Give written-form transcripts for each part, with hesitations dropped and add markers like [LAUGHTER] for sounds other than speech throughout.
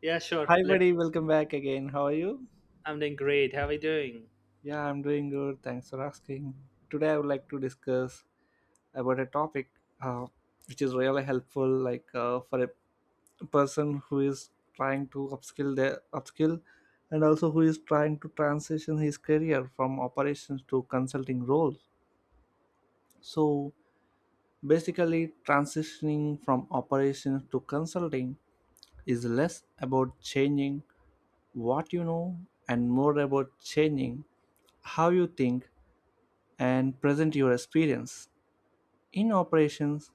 Yeah, sure. Hi, Let buddy. Welcome back again. How are you? I'm doing great. How are you doing? Yeah, I'm doing good. Thanks for asking. Today, I would like to discuss about a topic uh, which is really helpful, like for a person who is trying to upskill, and also who is trying to transition his career from operations to consulting roles. So, basically, transitioning from operations to consulting is less about changing what you know and more about changing how you think and present your experience. In operations,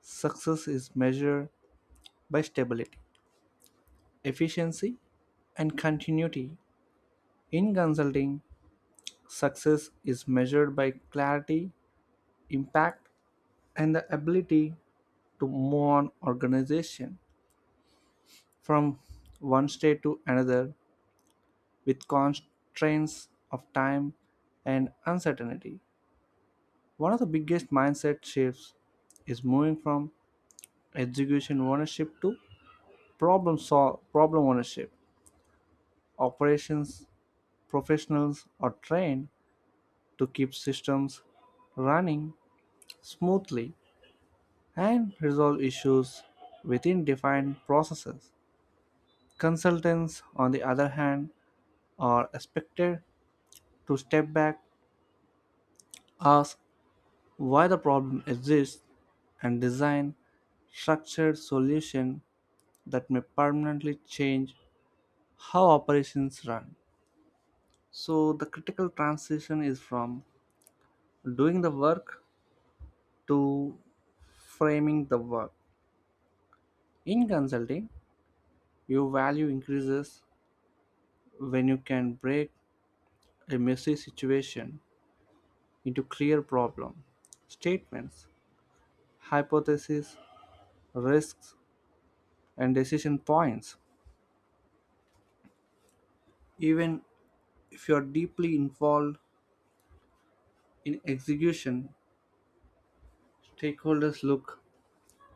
success is measured by stability, efficiency, and continuity. In consulting, success is measured by clarity, impact, and the ability to move on organization from one state to another with constraints of time and uncertainty. One of the biggest mindset shifts is moving from execution ownership to problem ownership. Operations professionals are trained to keep systems running smoothly and resolve issues within defined processes. Consultants, on the other hand, are expected to step back, ask why the problem exists, and design structured solution that may permanently change how operations run. So the critical transition is from doing the work to framing the work. In consulting, your value increases when you can break a messy situation into clear problem statements, hypotheses, risks, and decision points. Even if you are deeply involved in execution, stakeholders look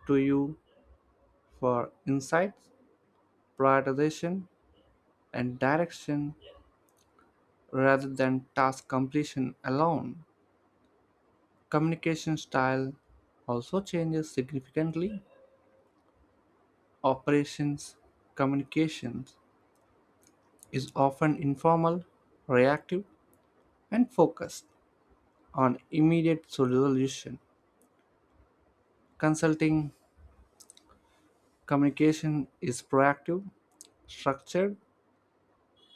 to you for insights, prioritization, and direction rather than task completion alone. Communication style also changes significantly. Operations communications is often informal, reactive, and focused on immediate solution. Consulting communication is proactive, structured,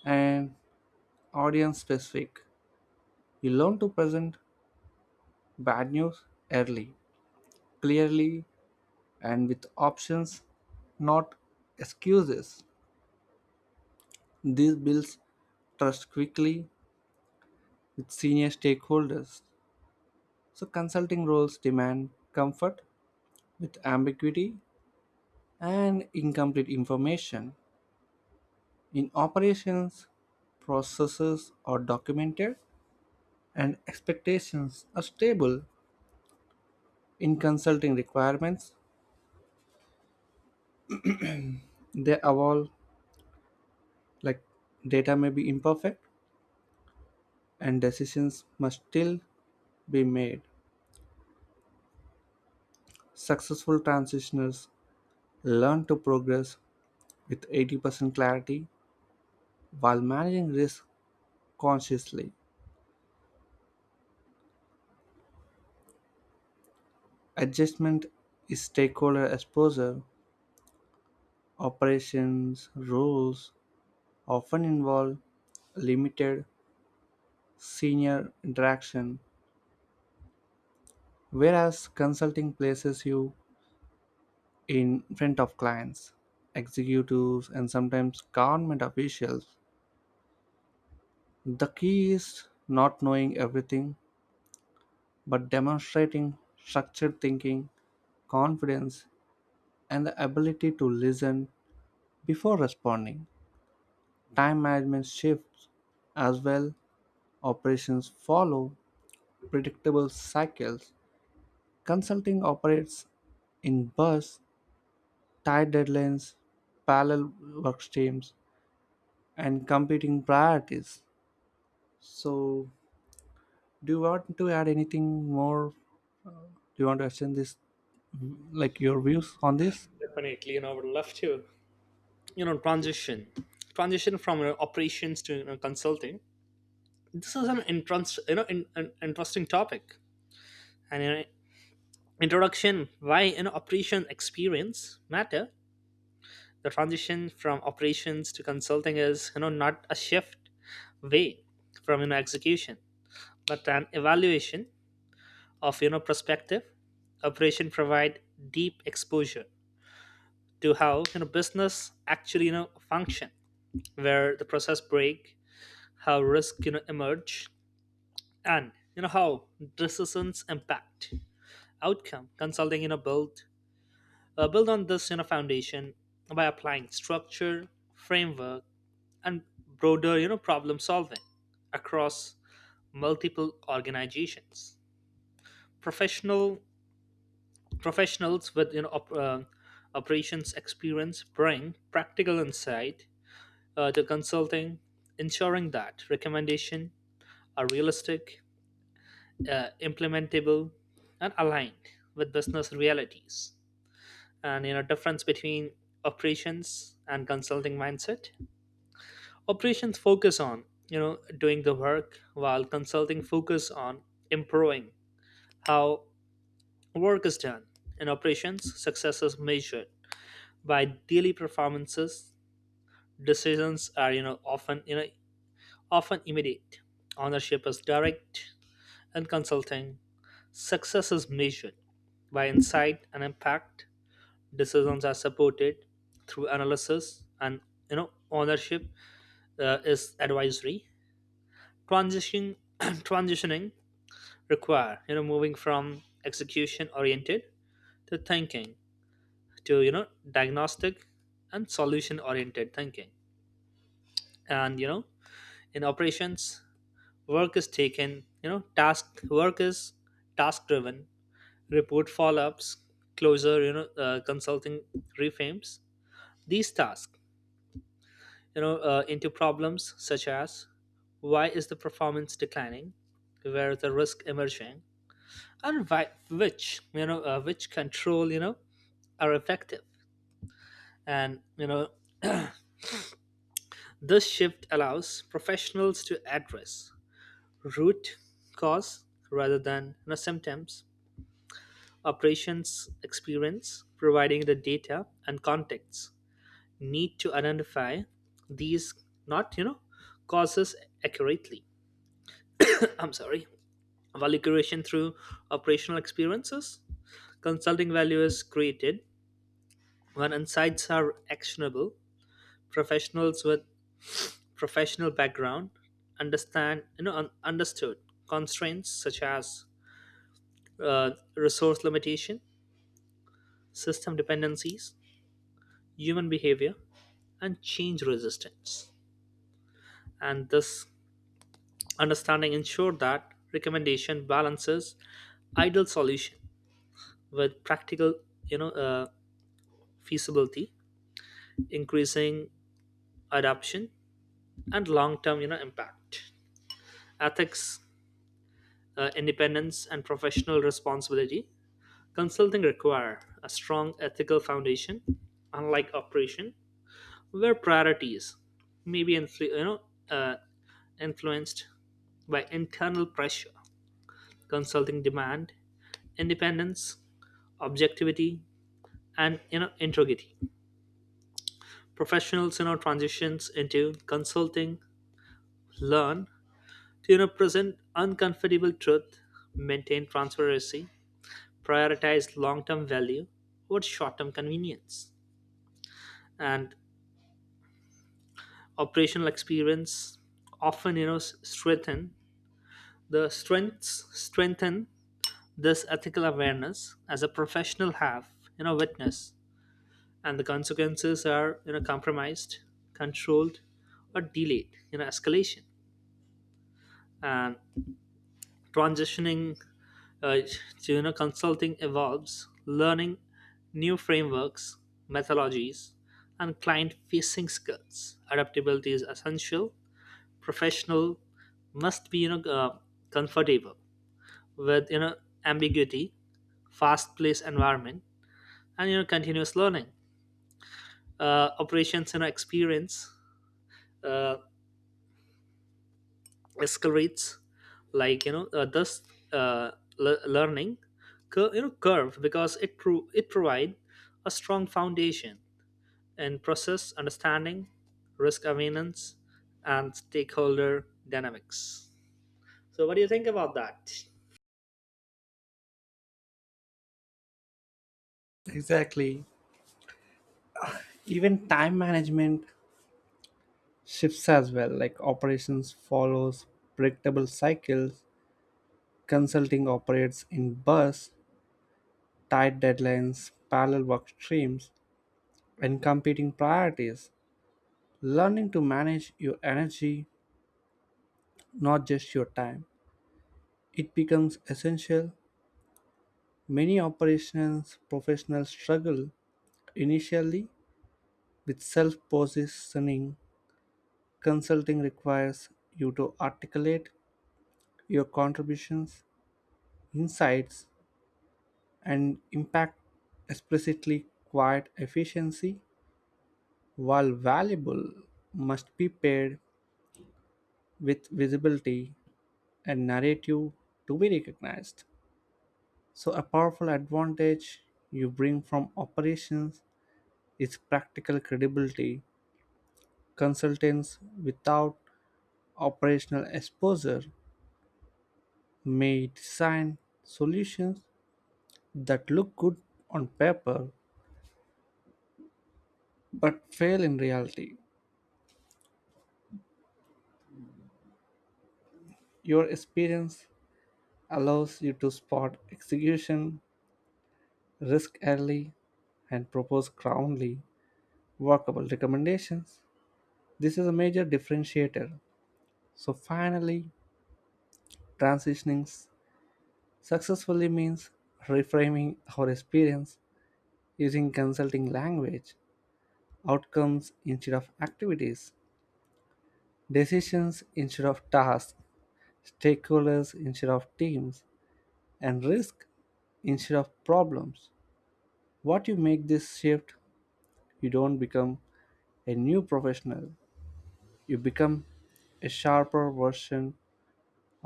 and audience specific. You learn to present bad news early, clearly, and with options, not excuses. This builds trust quickly with senior stakeholders. So, consulting roles demand comfort with ambiguity and incomplete information. In operations, processes are documented and expectations are stable. In consulting requirements, they evolve, like data may be imperfect and decisions must still be made. Successful transitioners learn to progress with 80% clarity, while managing risk consciously. Adjustment is stakeholder exposure. Operations roles often involve limited senior interaction, whereas consulting places you in front of clients, executives, and sometimes government officials. The key is not knowing everything, but demonstrating structured thinking, confidence, and the ability to listen before responding. Time management shifts as well. Operations follow predictable cycles. Consulting operates in bursts, tight deadlines, parallel work streams, and competing priorities. So, do you want to add anything more? Do you want to extend this, like your views on this? Definitely, I would love to. You know, transition, transition from operations to consulting. This is an interesting topic. And introduction: Why operation experience matter? The transition from operations to consulting is not a shift way from execution, but an evaluation of perspective. Operation provide deep exposure to how business actually function, where the process break, how risk emerge, and how decisions impact outcome. Consulting build on this foundation by applying structure, framework, and broader problem solving across multiple organizations. professional Professionals with operations experience bring practical insight, the consulting, ensuring that recommendations are realistic, implementable, and aligned with business realities. And difference between operations and consulting mindset. Operations focus on doing the work, while consulting focus on improving how work is done. In operations, success is measured by daily performances. Decisions are often immediate. Ownership is direct. In consulting, success is measured by insight and impact. Decisions are supported through analysis, and ownership is advisory. Transition [CLEARS THROAT] Transitioning require moving from execution oriented to thinking, to diagnostic and solution oriented thinking. And in operations, work is taken you know task work is task driven, report follow-ups, closure. Consulting reframes these tasks into problems such as: why is the performance declining, where is the risk emerging, and why, which control are effective. And this shift allows professionals to address root cause rather than symptoms. Operations experience, providing the data and context need to identify these, not, causes accurately. [CLEARS THROAT] I'm sorry. Value creation through operational experiences. Consulting value is created when insights are actionable. Professionals with professional background understand you know un- understood constraints such as uh, resource limitation, system dependencies, human behavior, and change resistance. And this understanding ensured that recommendation balances ideal solution with practical, you know, uh, feasibility, increasing adoption, and long-term, impact. Ethics, independence, and professional responsibility. Consulting require a strong ethical foundation, unlike operation, where priorities may be uh, influenced by internal pressure. Consulting demand independence, objectivity, and integrity. Professionals transitions into consulting learn to present uncomfortable truth, maintain transparency, prioritize long-term value over short-term convenience. And operational experience often you know s- strengthen the strengths strengthen this ethical awareness, as a professional have witness, and the consequences are compromised, controlled, or delayed escalation. And transitioning uh, to consulting evolves learning new frameworks, methodologies, and client facing skills. Adaptability is essential. Professional must be comfortable with ambiguity, fast paced environment, and continuous learning. Operations experience uh, escalates, like thus uh, learning curve, because it provide a strong foundation in process understanding, risk awareness, and stakeholder dynamics. So what do you think about that? Exactly. Even time management shifts as well, like operations follows predictable cycles. Consulting operates in bursts, tight deadlines, parallel work streams, and competing priorities. Learning to manage your energy, not just your time, it becomes essential. Many operations professionals struggle initially with self positioning. Consulting requires you to articulate your contributions, insights, and impact explicitly. Quiet efficiency, while valuable, must be paired with visibility and narrative to be recognized. So a powerful advantage you bring from operations is practical credibility. Consultants without operational exposure may design solutions that look good on paper but fail in reality. Your experience allows you to spot execution risk early, and propose calmly workable recommendations. This is a major differentiator. So, finally, transitioning successfully means reframing our experience using consulting language, outcomes instead of activities, decisions instead of tasks, stakeholders instead of teams, and risk instead of problems. What you make this shift, you don't become a new professional, you become a sharper version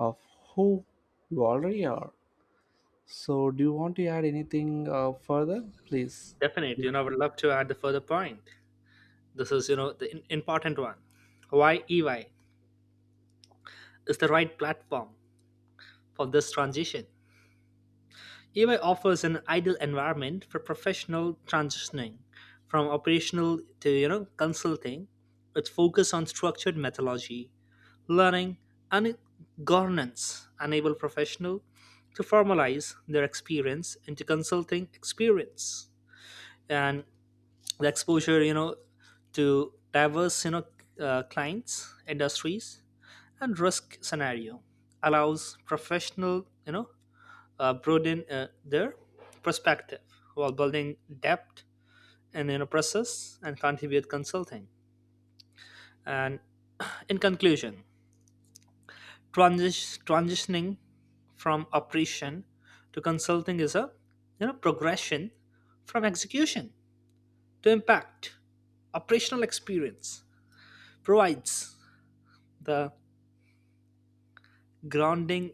of who you already are. So, do you want to add anything further? Please. Definitely, I would love to add the further point. This is the important one. Why EY is the right platform for this transition. EY offers an ideal environment for professional transitioning from operational to consulting, with focus on structured methodology, learning, and governance enable professional to formalize their experience into consulting experience. And the exposure to diverse, clients, industries, and risk scenario allows professional broaden their perspective, while building depth in your process and contribute consulting. And in conclusion, transitioning from operation to consulting is a progression from execution to impact. Operational experience provides the grounding,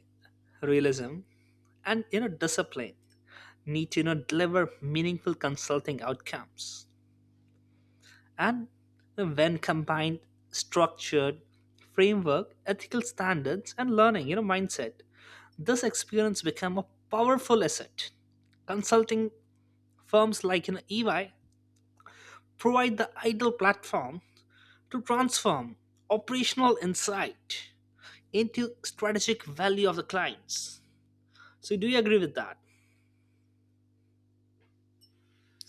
realism, and discipline need to deliver meaningful consulting outcomes. And when combined structured framework, ethical standards, and learning mindset, this experience become a powerful asset. Consulting firms like EY provide the ideal platform to transform operational insight into strategic value of the clients. So do you agree with that,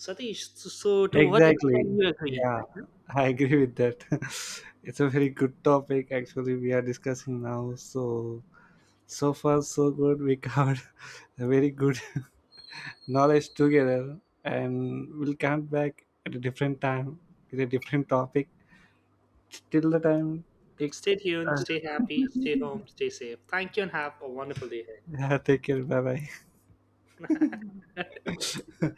Satish? So to what extent Exactly. you agree? Yeah, [LAUGHS] I agree with that. [LAUGHS] It's a very good topic actually we are discussing now. So so far so good. We covered [LAUGHS] a very good [LAUGHS] knowledge together and we'll come back at a different time with a different topic. Till the time take Stay tuned, uh, stay happy, stay home, stay safe. Thank you, and have a wonderful day ahead. [LAUGHS] yeah, take care. Bye bye. [LAUGHS]